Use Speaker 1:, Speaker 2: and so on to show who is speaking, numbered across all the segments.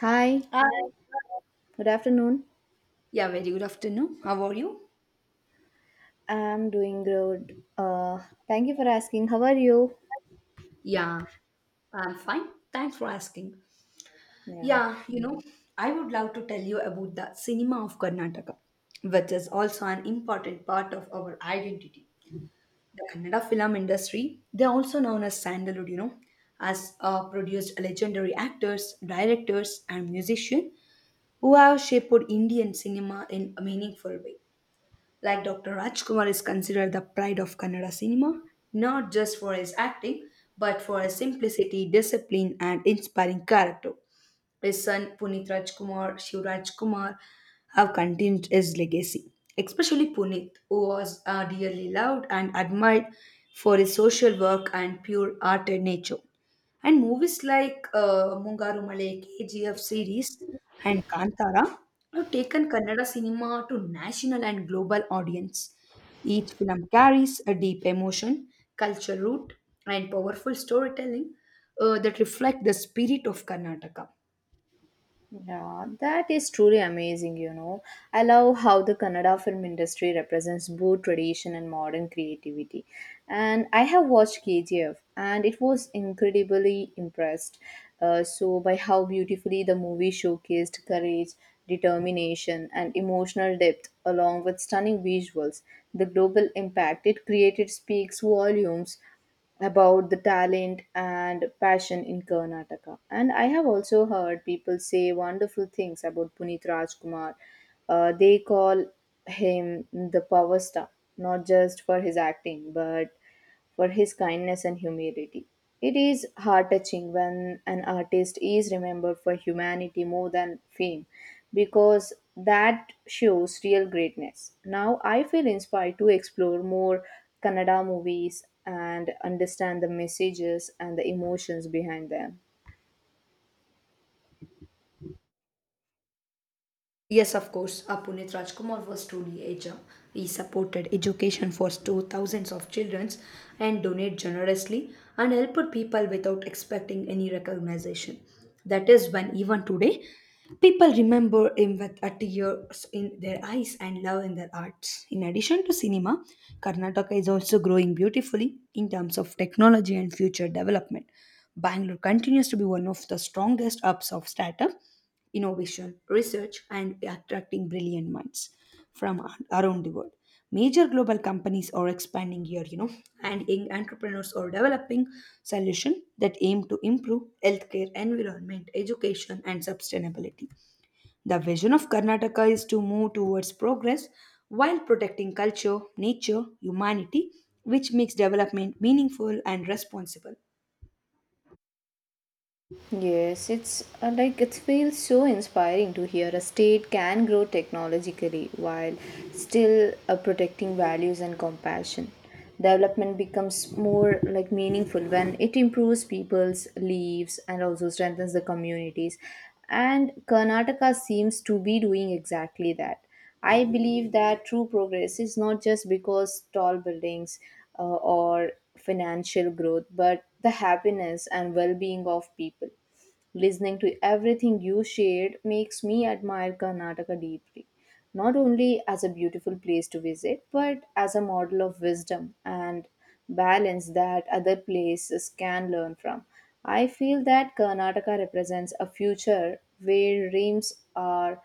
Speaker 1: Hi,
Speaker 2: Hi.
Speaker 1: good afternoon.
Speaker 2: Yeah, very good afternoon. How are you?
Speaker 1: I'm doing good. Thank you for asking. How are you?
Speaker 2: Yeah, I'm fine. Thanks for asking.
Speaker 1: Yeah.
Speaker 2: Yeah, I would love to tell you about the cinema of Karnataka, which is also an important part of our identity. The Kannada film industry, they're also known as Sandalwood, has produced legendary actors, directors, and musicians who have shaped Indian cinema in a meaningful way. Like Dr. Rajkumar is considered the pride of Kannada cinema, not just for his acting, but for his simplicity, discipline, and inspiring character. His son Puneet Rajkumar, Shivraj Kumar, have continued his legacy, especially Puneet, who was dearly loved and admired for his social work and pure hearted nature. And movies like Mungaru Male, KGF series, and Kantara have taken Kannada cinema to national and global audience. Each film carries a deep emotion, culture root, and powerful storytelling that reflect the spirit of Karnataka.
Speaker 1: Yeah, that is truly amazing, you know. I love how the Kannada film industry represents both tradition and modern creativity. And I have watched KGF and it was incredibly impressed. By how beautifully the movie showcased courage, determination, and emotional depth, along with stunning visuals, the global impact it created speaks volumes about the talent and passion in Karnataka. And I have also heard people say wonderful things about Puneet Rajkumar. They call him the power star, not just for his acting, but for his kindness and humility. It is heart touching when an artist is remembered for humanity more than fame because that shows real greatness. Now I feel inspired to explore more Kannada movies and understand the messages and the emotions behind them.
Speaker 2: Yes, of course. Puneet Rajkumar was truly a gem. He supported education for two thousands of children and donated generously and helped people without expecting any recognition. That is when even today, people remember him with a tears in their eyes and love in their hearts. In addition to cinema, Karnataka is also growing beautifully in terms of technology and future development. Bangalore continues to be one of the strongest hubs of startup innovation, research, and attracting brilliant minds from around the world. Major global companies are expanding here, and young entrepreneurs are developing solutions that aim to improve healthcare, environment, education, and sustainability. The vision of Karnataka is to move towards progress while protecting culture, nature, humanity, which makes development meaningful and responsible.
Speaker 1: Yes, it's like it feels so inspiring to hear a state can grow technologically while still protecting values and compassion. Development becomes more like meaningful when it improves people's lives and also strengthens the communities. And Karnataka seems to be doing exactly that. I believe that true progress is not just because tall buildings or financial growth, but the happiness and well being of people. Listening to everything you shared makes me admire Karnataka deeply, not only as a beautiful place to visit, but as a model of wisdom and balance that other places can learn from. I feel that Karnataka represents a future where dreams are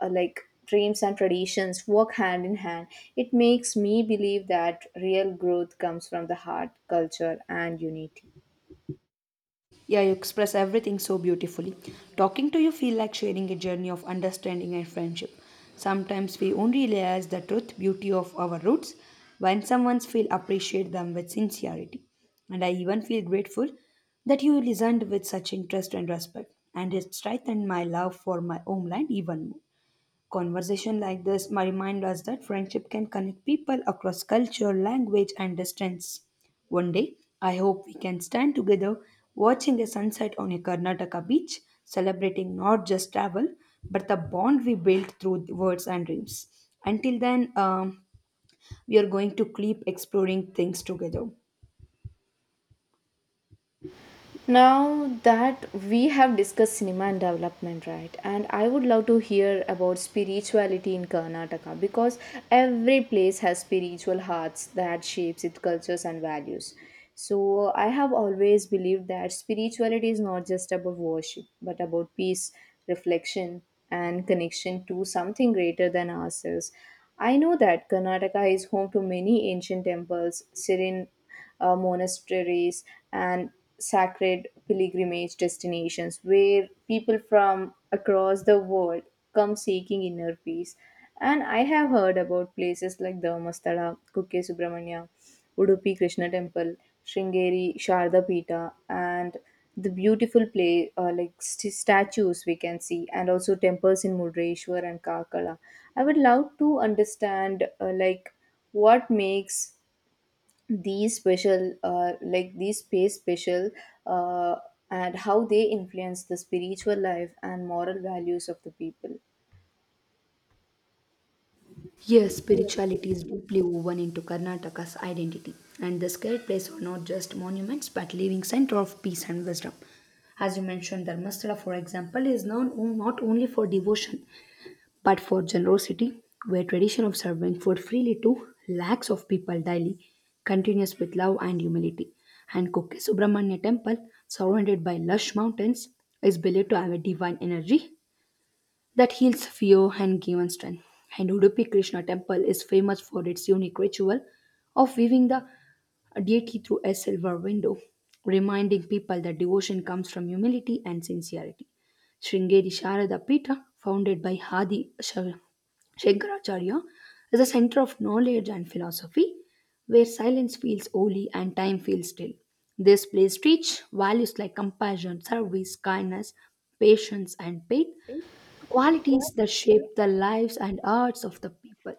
Speaker 1: uh, like dreams and traditions work hand in hand. It makes me believe that real growth comes from the heart, culture, and unity.
Speaker 2: Yeah, you express everything so beautifully. Talking to you feel like sharing a journey of understanding and friendship. Sometimes we only realize the truth, beauty of our roots when someone feel appreciate them with sincerity. And I even feel grateful that you listened with such interest and respect, and it strengthened my love for my homeland even more. Conversation like this might remind us that friendship can connect people across culture, language, and distance. One day, I hope we can stand together watching a sunset on a Karnataka beach, celebrating not just travel, but the bond we built through words and dreams. Until then, we are going to keep exploring things together.
Speaker 1: Now that we have discussed cinema and development, right? And I would love to hear about spirituality in Karnataka because every place has spiritual hearts that shapes its cultures and values. So I have always believed that spirituality is not just about worship, but about peace, reflection, and connection to something greater than ourselves. I know that Karnataka is home to many ancient temples, serene monasteries, and sacred pilgrimage destinations where people from across the world come seeking inner peace. And I have heard about places like Dharmasthala, Kukke Subramanya, Udupi Krishna Temple, Shringeri, Sharda Peeta, and the beautiful play like statues we can see, and also temples in Mudreshwar and Kakala. I would love to understand what makes these special these space special, uh, and how they influence the spiritual life and moral values of the people.
Speaker 2: Yes, spirituality is deeply woven into Karnataka's identity, and the sacred places are not just monuments but living center of peace and wisdom. As you mentioned, Dharmasthala, for example, is known not only for devotion but for generosity, where tradition of serving food freely to lakhs of people daily continues with love and humility. And Kukke Subramanya Temple, surrounded by lush mountains, is believed to have a divine energy that heals fear and gives strength. And Udupi Krishna temple is famous for its unique ritual of weaving the deity through a silver window, reminding people that devotion comes from humility and sincerity. Sringeri Sharada Pita, founded by Hadi Shankaracharya, is a center of knowledge and philosophy where silence feels holy and time feels still. This place teaches values like compassion, service, kindness, patience, and faith, qualities that shape the lives and arts of the people.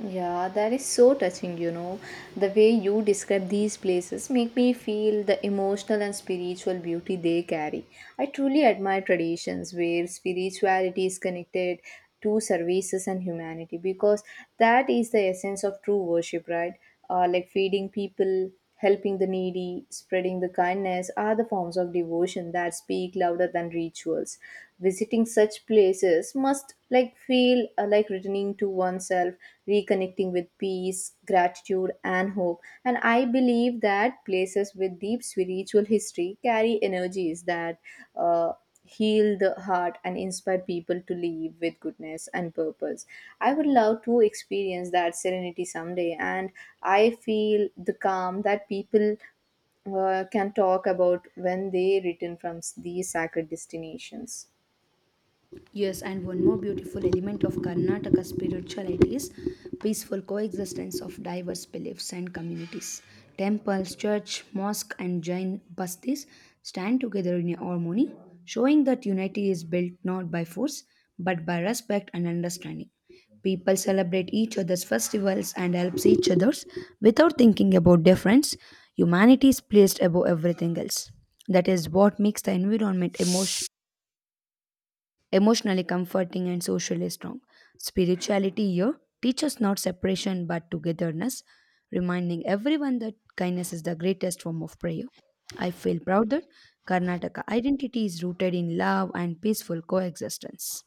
Speaker 1: Yeah, that is so touching, you know. The way you describe these places make me feel the emotional and spiritual beauty they carry. I truly admire traditions where spirituality is connected to services and humanity because that is the essence of true worship, right? Like feeding people, helping the needy, spreading the kindness are the forms of devotion that speak louder than rituals. Visiting such places must like feel like returning to oneself, reconnecting with peace, gratitude and hope. And I believe that places with deep spiritual history carry energies that uh, heal the heart and inspire people to live with goodness and purpose. I would love to experience that serenity someday, and I feel the calm that people can talk about when they return from these sacred destinations.
Speaker 2: Yes, and one more beautiful element of Karnataka spirituality is peaceful coexistence of diverse beliefs and communities. Temples, church, mosque, and Jain bastis stand together in harmony, showing that unity is built not by force but by respect and understanding. People celebrate each other's festivals and helps each other's without thinking about difference. Humanity is placed above everything else. That is what makes the environment emotionally comforting and socially strong. Spirituality here teaches not separation but togetherness, reminding everyone that kindness is the greatest form of prayer. I feel proud that Karnataka identity is rooted in love and peaceful coexistence.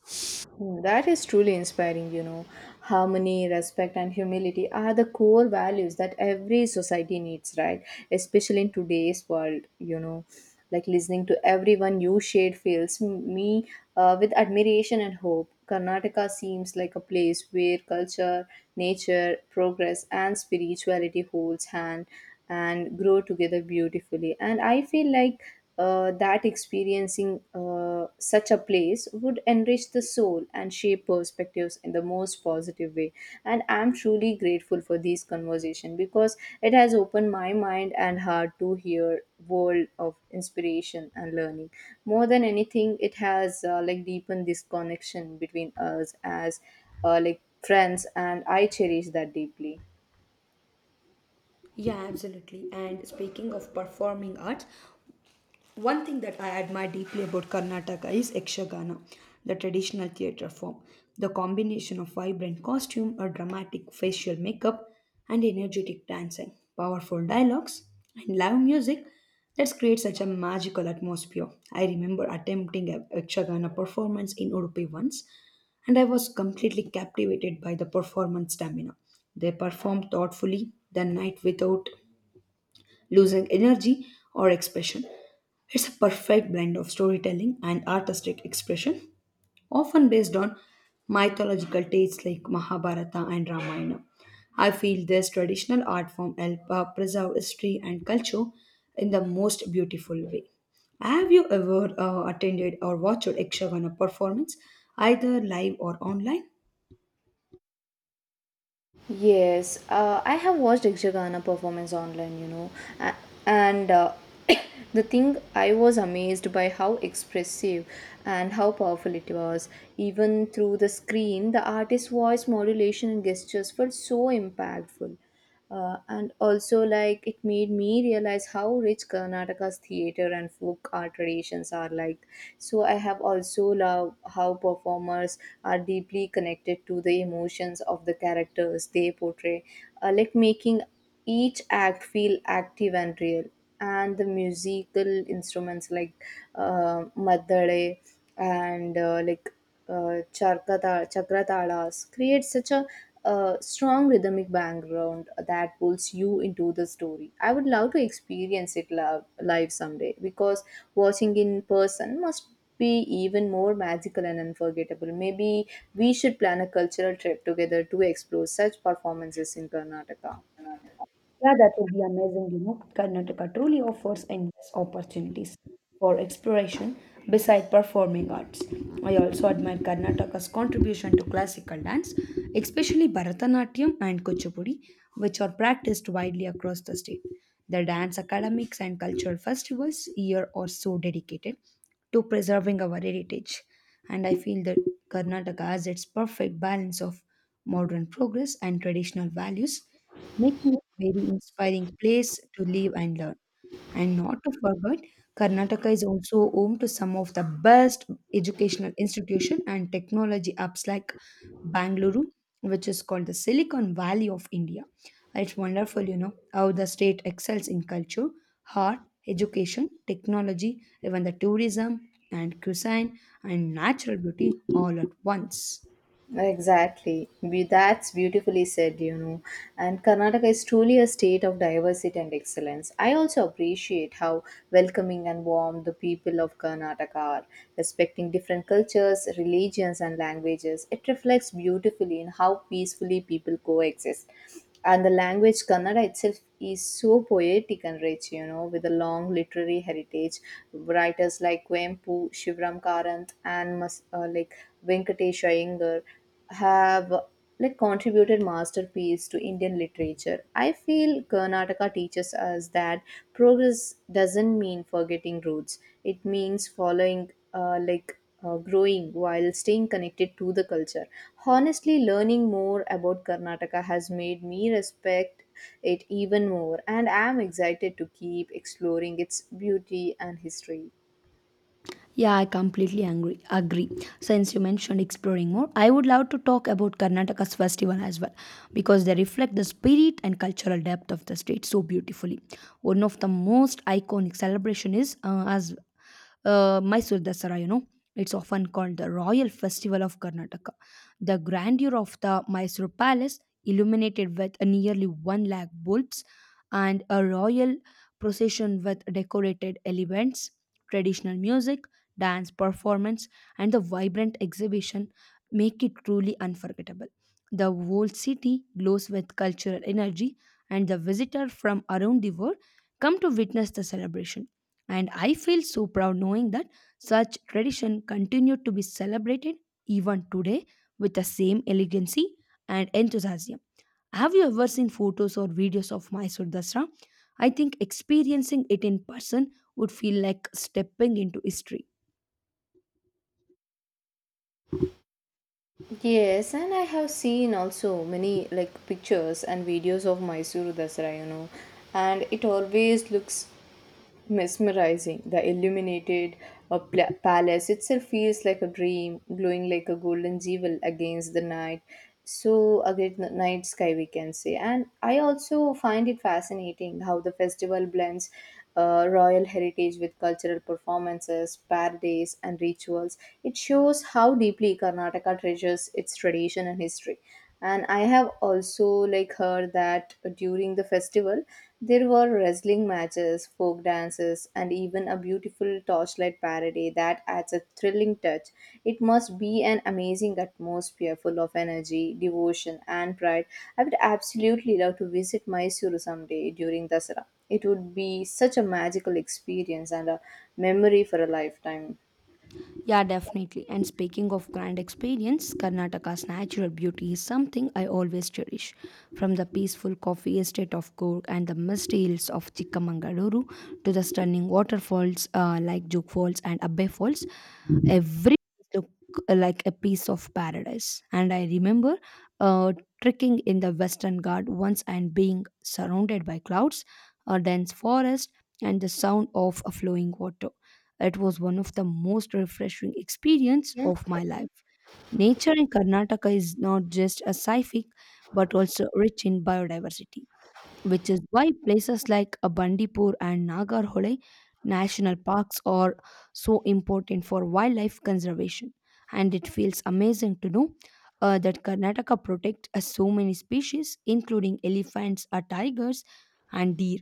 Speaker 1: Hmm. That is truly inspiring, you know. Harmony, respect, and humility are the core values that every society needs, right? Especially in today's world, you know. Like listening to everyone you shade fills me with admiration and hope. Karnataka seems like a place where culture, nature, progress, and spirituality holds hand and grow together beautifully. And I feel like that experiencing such a place would enrich the soul and shape perspectives in the most positive way, and I'm truly grateful for these conversation because it has opened my mind and heart to hear world of inspiration and learning. More than anything, it has deepened this connection between us as friends, and I cherish that deeply.
Speaker 2: Yeah, absolutely. And speaking of performing arts, one thing that I admire deeply about Karnataka is Ekshagana, the traditional theatre form. The combination of vibrant costume, a dramatic facial makeup, and energetic dancing, powerful dialogues, and live music that creates such a magical atmosphere. I remember attempting a Ekshagana performance in Udupi once, and I was completely captivated by the performance stamina. They perform thoughtfully the night without losing energy or expression. It's a perfect blend of storytelling and artistic expression, often based on mythological tales like Mahabharata and Ramayana. I feel this traditional art form helps preserve history and culture in the most beautiful way. Have you ever attended or watched a Ekshagana performance, either live or online?
Speaker 1: Yes, I have watched Ikshagana performance online, you know, a- and the thing I was amazed by how expressive and how powerful it was. Even through the screen, the artist's voice modulation and gestures felt so impactful. And also, like, it made me realize how rich Karnataka's theatre and folk art traditions are like. So I have also loved how performers are deeply connected to the emotions of the characters they portray, making each act feel active and real. And the musical instruments like madale and chakratalas create such a strong rhythmic background that pulls you into the story. I would love to experience it live someday because watching in person must be even more magical and unforgettable. Maybe we should plan a cultural trip together to explore such performances in Karnataka.
Speaker 2: Yeah, that would be amazing. Karnataka truly offers endless opportunities for exploration beside performing arts. I also admire Karnataka's contribution to classical dance, especially Bharatanatyam and Kuchipudi, which are practiced widely across the state. The dance academics and cultural festivals here are so dedicated to preserving our heritage. And I feel that Karnataka has its perfect balance of modern progress and traditional values making it a very inspiring place to live and learn. And not to forget, Karnataka is also home to some of the best educational institution and technology apps like Bangalore, which is called the Silicon Valley of India. It's wonderful, how the state excels in culture, art, education, technology, even the tourism and cuisine and natural beauty all at once.
Speaker 1: Exactly. That's beautifully said, you know. And Karnataka is truly a state of diversity and excellence. I also appreciate how welcoming and warm the people of Karnataka are, respecting different cultures, religions, and languages. It reflects beautifully in how peacefully people coexist. And the language Kannada itself is so poetic and rich, you know, with a long literary heritage. Writers like Kwempu, Shivram Karant, and Venkatesh Iyengar have contributed masterpiece to Indian literature. I feel Karnataka teaches us that progress doesn't mean forgetting roots. It means following growing while staying connected to the culture. Honestly, learning more about Karnataka has made me respect it even more, and I am excited to keep exploring its beauty and history.
Speaker 2: Yeah, I completely angry, agree. Since you mentioned exploring more, I would love to talk about Karnataka's festival as well because they reflect the spirit and cultural depth of the state so beautifully. One of the most iconic celebration is as Mysore Dasara. It's often called the Royal Festival of Karnataka. The grandeur of the Mysore Palace, illuminated with nearly 1 lakh bulbs, and a royal procession with decorated elements, traditional music, dance performance and the vibrant exhibition make it truly unforgettable. The whole city glows with cultural energy, and the visitors from around the world come to witness the celebration, and I feel so proud knowing that such tradition continue to be celebrated even today with the same elegancy and enthusiasm. Have you ever seen photos or videos of Mysore Dasra? I think experiencing it in person would feel like stepping into history.
Speaker 1: Yes, and I have seen also many like pictures and videos of Mysuru Dasara, you know, and it always looks mesmerizing. The illuminated palace itself feels like a dream, glowing like a golden jewel against the night. So, against the night sky, we can say. And I also find it fascinating how the festival blends royal heritage with cultural performances, parades, and rituals. It shows how deeply Karnataka treasures its tradition and history. And I have also like heard that during the festival there were wrestling matches, folk dances, and even a beautiful torchlight parade that adds a thrilling touch. It must be an amazing atmosphere full of energy, devotion, and pride. I would absolutely love to visit Mysuru someday during Dasara. It would be such a magical experience and a memory for a lifetime.
Speaker 2: Yeah, definitely. And speaking of grand experience, Karnataka's natural beauty is something I always cherish. From the peaceful coffee estate of Coorg and the misty hills of Chikkamangaluru to the stunning waterfalls like Juk Falls and Abbe Falls, every look like a piece of paradise. And I remember uh, trekking in the Western Ghat once and being surrounded by clouds, a dense forest, and the sound of a flowing water. It was one of the most refreshing experience
Speaker 1: Yeah.
Speaker 2: of my life. Nature in Karnataka is not just a scenic, but also rich in biodiversity, which is why places like Bandipur and Nagarhole national parks are so important for wildlife conservation. And it feels amazing to know that Karnataka protects so many species, including elephants, tigers, and deer.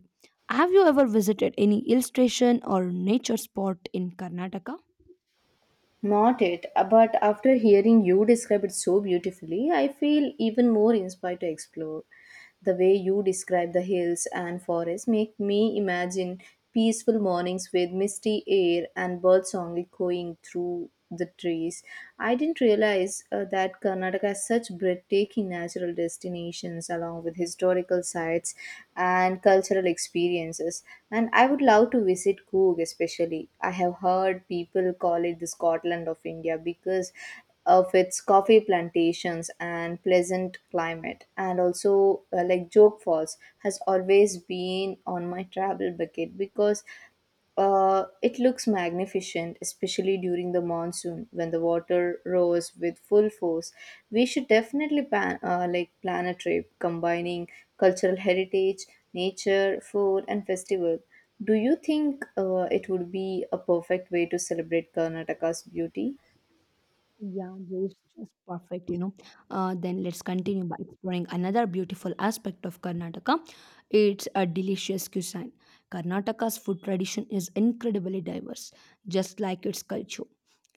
Speaker 2: Have you ever visited any hill station or nature spot in Karnataka?
Speaker 1: Not it, but after hearing you describe it so beautifully, I feel even more inspired to explore. The way you describe the hills and forests make me imagine peaceful mornings with misty air and birdsong echoing through the trees. I didn't realize that Karnataka has such breathtaking natural destinations along with historical sites and cultural experiences. And I would love to visit Coorg, especially. I have heard people call it the Scotland of India because of its coffee plantations and pleasant climate, and also like joke falls has always been on my travel bucket because it looks magnificent, especially during the monsoon when the water roars with full force. We should definitely plan, plan a trip combining cultural heritage, nature, food, and festival. Do you think it would be a perfect way to celebrate Karnataka's beauty?
Speaker 2: Yeah, it's just perfect. Then let's continue by exploring another beautiful aspect of Karnataka. It's a delicious cuisine. Karnataka's food tradition is incredibly diverse, just like its culture.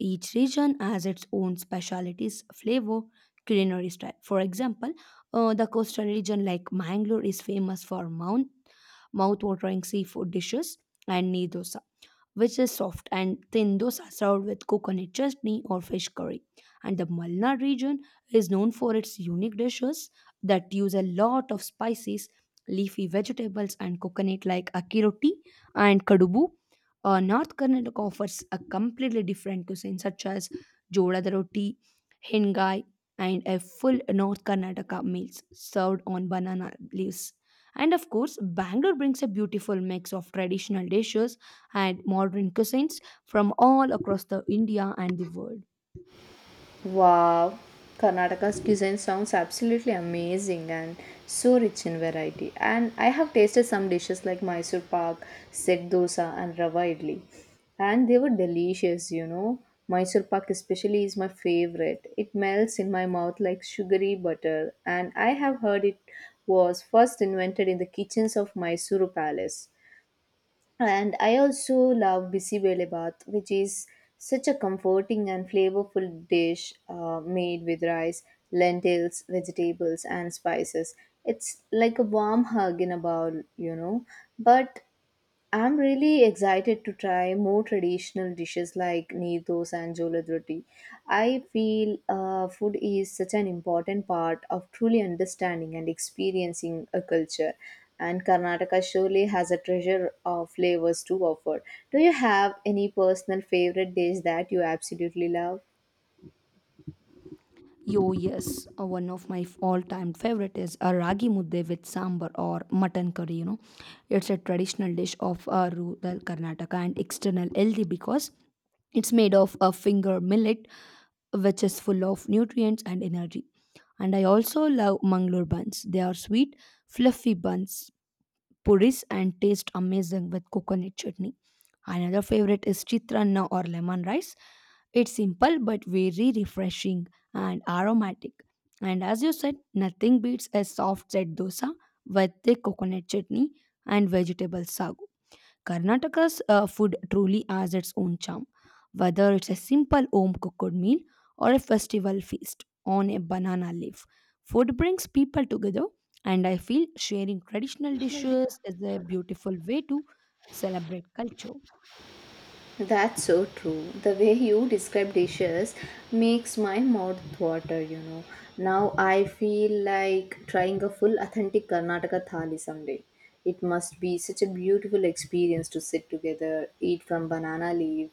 Speaker 2: Each region has its own specialties, flavor, culinary style. For example, the coastal region like Mangalore is famous for mouth-watering seafood dishes and needosa which is soft and thin dosa served with coconut chutney or fish curry. And the Malnad region is known for its unique dishes that use a lot of spices, leafy vegetables, and coconut like akki and kadubu. North Karnataka offers a completely different cuisine such as jodhada roti, hingai, and a full North Karnataka meals served on banana leaves. And of course, Bangalore brings a beautiful mix of traditional dishes and modern cuisines from all across the India and the world.
Speaker 1: Wow, Karnataka's cuisine sounds absolutely amazing and so rich in variety. And I have tasted some dishes like Mysore pak, set dosa, and rava idli, and they were delicious. You know, Mysore pak especially is my favorite. It melts in my mouth like sugary butter, and I have heard it was first invented in the kitchens of Mysuru Palace. And I also love bisi vele bath, which is such a comforting and flavorful dish made with rice, lentils, vegetables, and spices. It's like a warm hug in a bowl, you know. But I'm really excited to try more traditional dishes like needos and jolad roti. I feel food is such an important part of truly understanding and experiencing a culture, and Karnataka surely has a treasure of flavors to offer. Do you have any personal favorite dish that you absolutely love?
Speaker 2: Yes, one of my all-time favorite is a ragi mudde with sambar or mutton curry. It's a traditional dish of rural Karnataka and external healthy because it's made of a finger millet, which is full of nutrients and energy. And I also love Mangalore buns. They are sweet, fluffy buns puris and taste amazing with coconut chutney. Another favorite is chitranna or lemon rice. It's simple but very refreshing and aromatic. And as you said, nothing beats a soft set dosa with the coconut chutney and vegetable sagu. Karnataka's food truly has its own charm, whether it's a simple home cooked meal or a festival feast on a banana leaf. Food brings people together, and I feel sharing traditional dishes is a beautiful way to celebrate culture.
Speaker 1: That's so true. The way you describe dishes makes my mouth water, you know. Now I feel like trying a full authentic Karnataka thali someday. It must be such a beautiful experience to sit together, eat from banana leaf,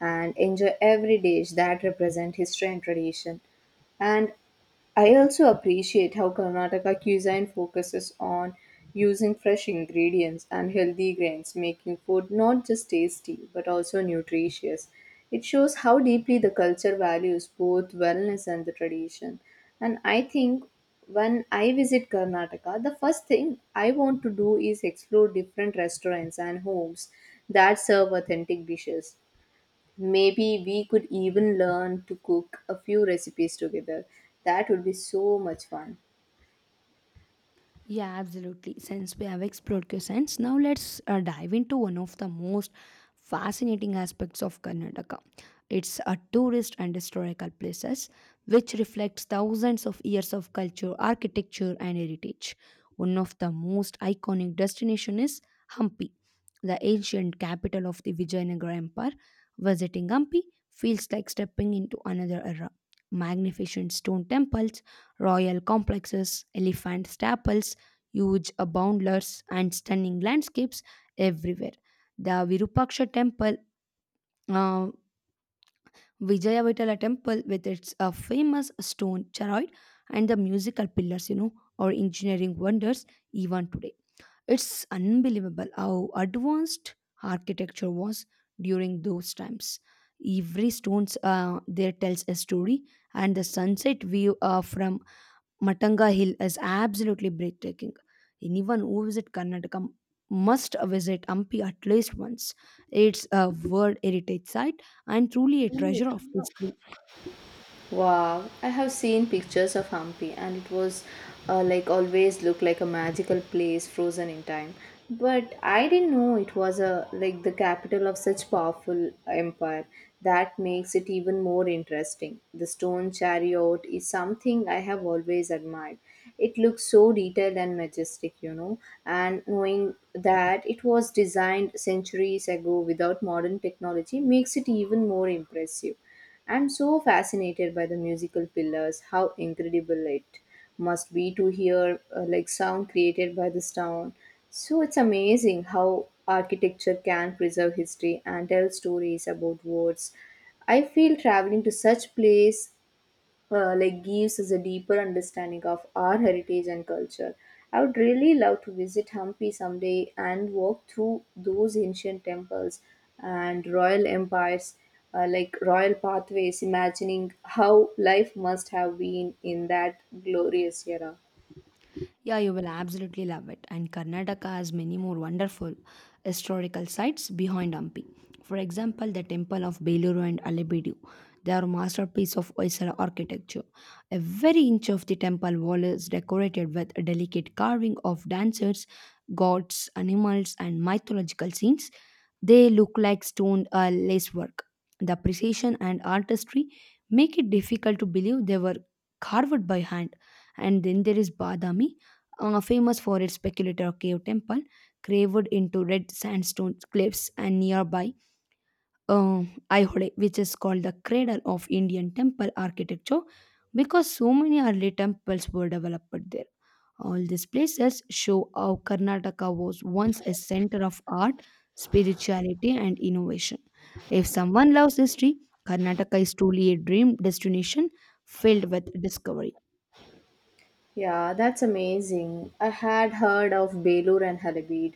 Speaker 1: and enjoy every dish that represent history and tradition. And I also appreciate how Karnataka cuisine focuses on using fresh ingredients and healthy grains, making food not just tasty but also nutritious. It shows how deeply the culture values both wellness and the tradition. And I think when I visit Karnataka, the first thing I want to do is explore different restaurants and homes that serve authentic dishes. Maybe we could even learn to cook a few recipes together. That would be so much fun.
Speaker 2: Yeah, absolutely. Since we have explored questions, now let's dive into one of the most fascinating aspects of Karnataka. It's a tourist and historical places which reflects thousands of years of culture, architecture and heritage. One of the most iconic destination is Hampi, the ancient capital of the Vijayanagara Empire. Visiting Hampi feels like stepping into another era. Magnificent stone temples, royal complexes, elephant staples, huge boundless and stunning landscapes everywhere. The Virupaksha temple, uh, Vijayavatala temple with its famous stone chariot and the musical pillars, are engineering wonders even today. It's unbelievable how advanced architecture was during those times. Every stones there tells a story, and the sunset view from Matanga Hill is absolutely breathtaking. Anyone who visits Karnataka must visit Hampi at least once. It's a World Heritage Site and truly a treasure of history.
Speaker 1: Wow, I have seen pictures of Hampi and it was always looked like a magical place frozen in time. But I didn't know it was a like the capital of such powerful empire. That makes it even more interesting. The stone chariot is something I have always admired. It looks so detailed and majestic, you know, and knowing that it was designed centuries ago without modern technology makes it even more impressive. I'm so fascinated by the musical pillars, how incredible it must be to hear sound created by the stone. So it's amazing how architecture can preserve history and tell stories about words. I feel traveling to such place gives us a deeper understanding of our heritage and culture. I would really love to visit Hampi someday and walk through those ancient temples and royal empires, royal pathways, imagining how life must have been in that glorious era.
Speaker 2: Yeah, you will absolutely love it. And Karnataka has many more wonderful historical sites behind Hampi. For example, the temple of Beluru and Alebedu. They are masterpiece of Hoysala architecture. Every inch of the temple wall is decorated with a delicate carving of dancers, gods, animals, and mythological scenes they look like stone lacework. The precision and artistry make it difficult to believe they were carved by hand. And then there is Badami, famous for its speculator cave temple, carved into red sandstone cliffs and nearby uh, Aihole, which is called the cradle of Indian temple architecture because so many early temples were developed there. All these places show how Karnataka was once a center of art, spirituality, and innovation. If someone loves history, Karnataka is truly a dream destination filled with discovery.
Speaker 1: Yeah, that's amazing. I had heard of Belur and Halabid,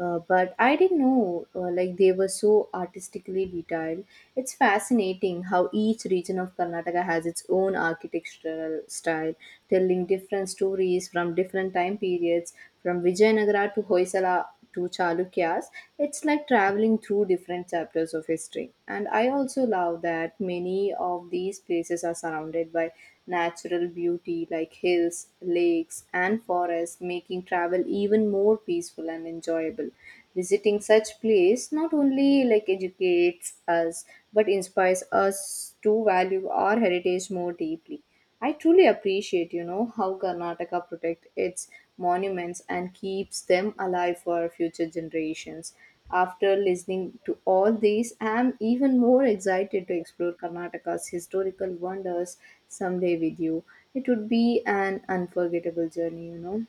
Speaker 1: but I didn't know they were so artistically detailed. It's fascinating how each region of Karnataka has its own architectural style, telling different stories from different time periods, from Vijayanagara to Hoysala to Chalukyas. It's like traveling through different chapters of history. And I also love that many of these places are surrounded by natural beauty like hills, lakes, and forests, making travel even more peaceful and enjoyable. Visiting such place not only like educates us but inspires us to value our heritage more deeply. I truly appreciate, you know, how Karnataka protects its monuments and keeps them alive for future generations. After listening to all these, I am even more excited to explore Karnataka's historical wonders someday with you. It would be an unforgettable journey.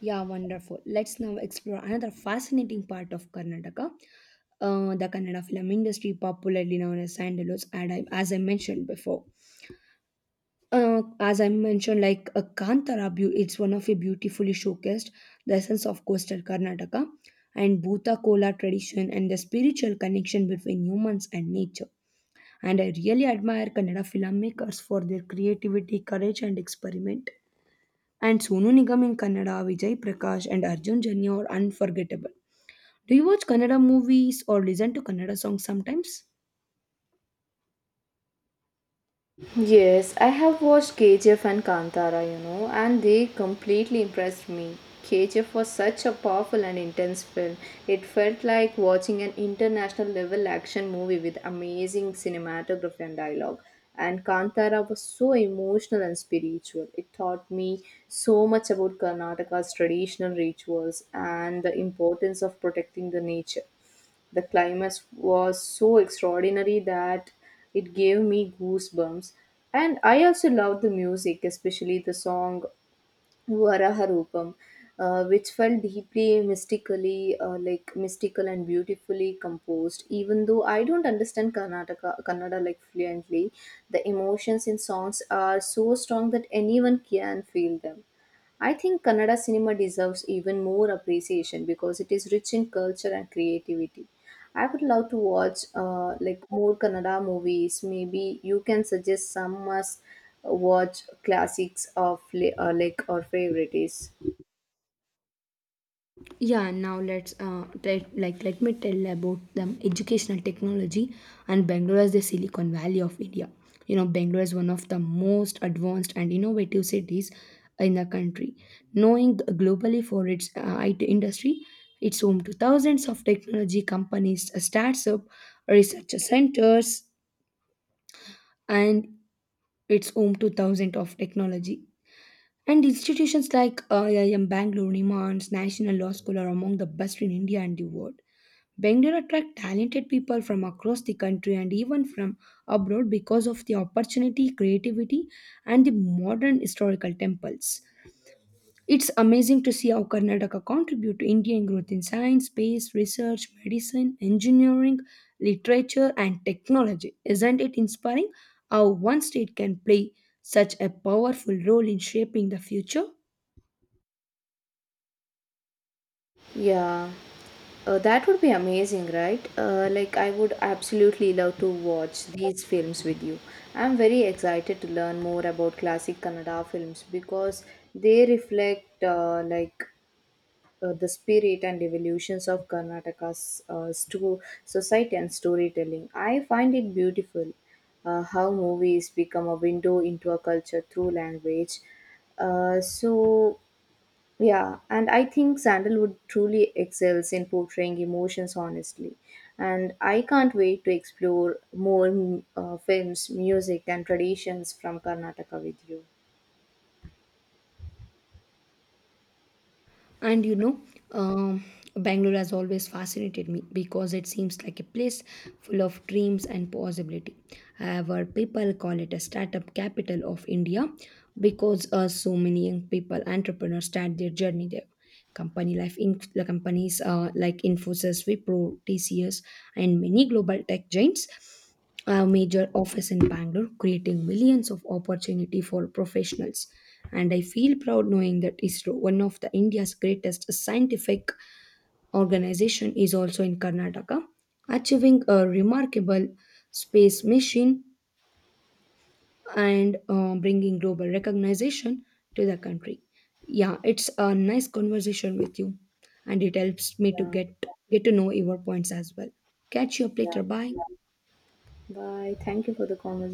Speaker 2: Yeah, wonderful. Let's now explore another fascinating part of Karnataka. The Kannada film industry, popularly known as Sandalos, and I, as I mentioned before. As I mentioned, like a Kantara, it's one of a beautifully showcased the essence of coastal Karnataka and Bhuta Kola tradition and the spiritual connection between humans and nature. And I really admire Kannada filmmakers for their creativity, courage, and experiment. And Sonu Nigam in Kannada, Vijay Prakash, and Arjun Janya are unforgettable. Do you watch Kannada movies or listen to Kannada songs sometimes?
Speaker 1: Yes, I have watched KGF and Kantara, you know, and they completely impressed me. KGF was such a powerful and intense film. It felt like watching an international level action movie with amazing cinematography and dialogue. And Kantara was so emotional and spiritual. It taught me so much about Karnataka's traditional rituals and the importance of protecting the nature. The climax was so extraordinary that it gave me goosebumps. And I also loved the music, especially the song Varaharupam, which felt deeply mystical and beautifully composed. Even though I don't understand Kannada like fluently, the emotions in songs are so strong that anyone can feel them. I think Kannada cinema deserves even more appreciation because it is rich in culture and creativity. I would love to watch more Kannada movies. Maybe you can suggest some must watch classics of or favorites.
Speaker 2: Yeah, now let's try, like let me tell about the educational technology and Bangalore is the Silicon Valley of India. You know, Bangalore is one of the most advanced and innovative cities in the country. Knowing globally for its IT industry, it's home to thousands of technology companies, startups, research centers, and it's home to thousands of technology. And institutions like IIM Bangalore, NIMANS, National Law School are among the best in India and the world. Bangalore attracts talented people from across the country and even from abroad because of the opportunity, creativity, and the modern historical temples. It's amazing to see how Karnataka contribute to Indian growth in science, space, research, medicine, engineering, literature, and technology. Isn't it inspiring how one state can play such a powerful role in shaping the future?
Speaker 1: Yeah, that would be amazing, right? I would absolutely love to watch these films with you. I'm very excited to learn more about classic Kannada films because they reflect the spirit and evolutions of Karnataka's society and storytelling. I find it beautiful how movies become a window into a culture through language. Uh, so, yeah, and I think Sandalwood truly excels in portraying emotions honestly. And I can't wait to explore more films, music, and traditions from Karnataka with you.
Speaker 2: And you know, um, Bangalore has always fascinated me because it seems like a place full of dreams and possibility. However, people call it a startup capital of India because so many young people, entrepreneurs, start their journey there. Company life, in the companies like Infosys, Wipro, TCS, and many global tech giants a major office in Bangalore, creating millions of opportunity for professionals and I feel proud knowing that ISRO, one of the India's greatest scientific organization, is also in Karnataka, achieving a remarkable space mission and bringing global recognition to the country. Yeah, it's a nice conversation with you, and it helps me to
Speaker 1: Yeah,
Speaker 2: get to know your points as well. Catch you up
Speaker 1: yeah.
Speaker 2: later. Bye.
Speaker 1: Bye. Thank you for the conversation.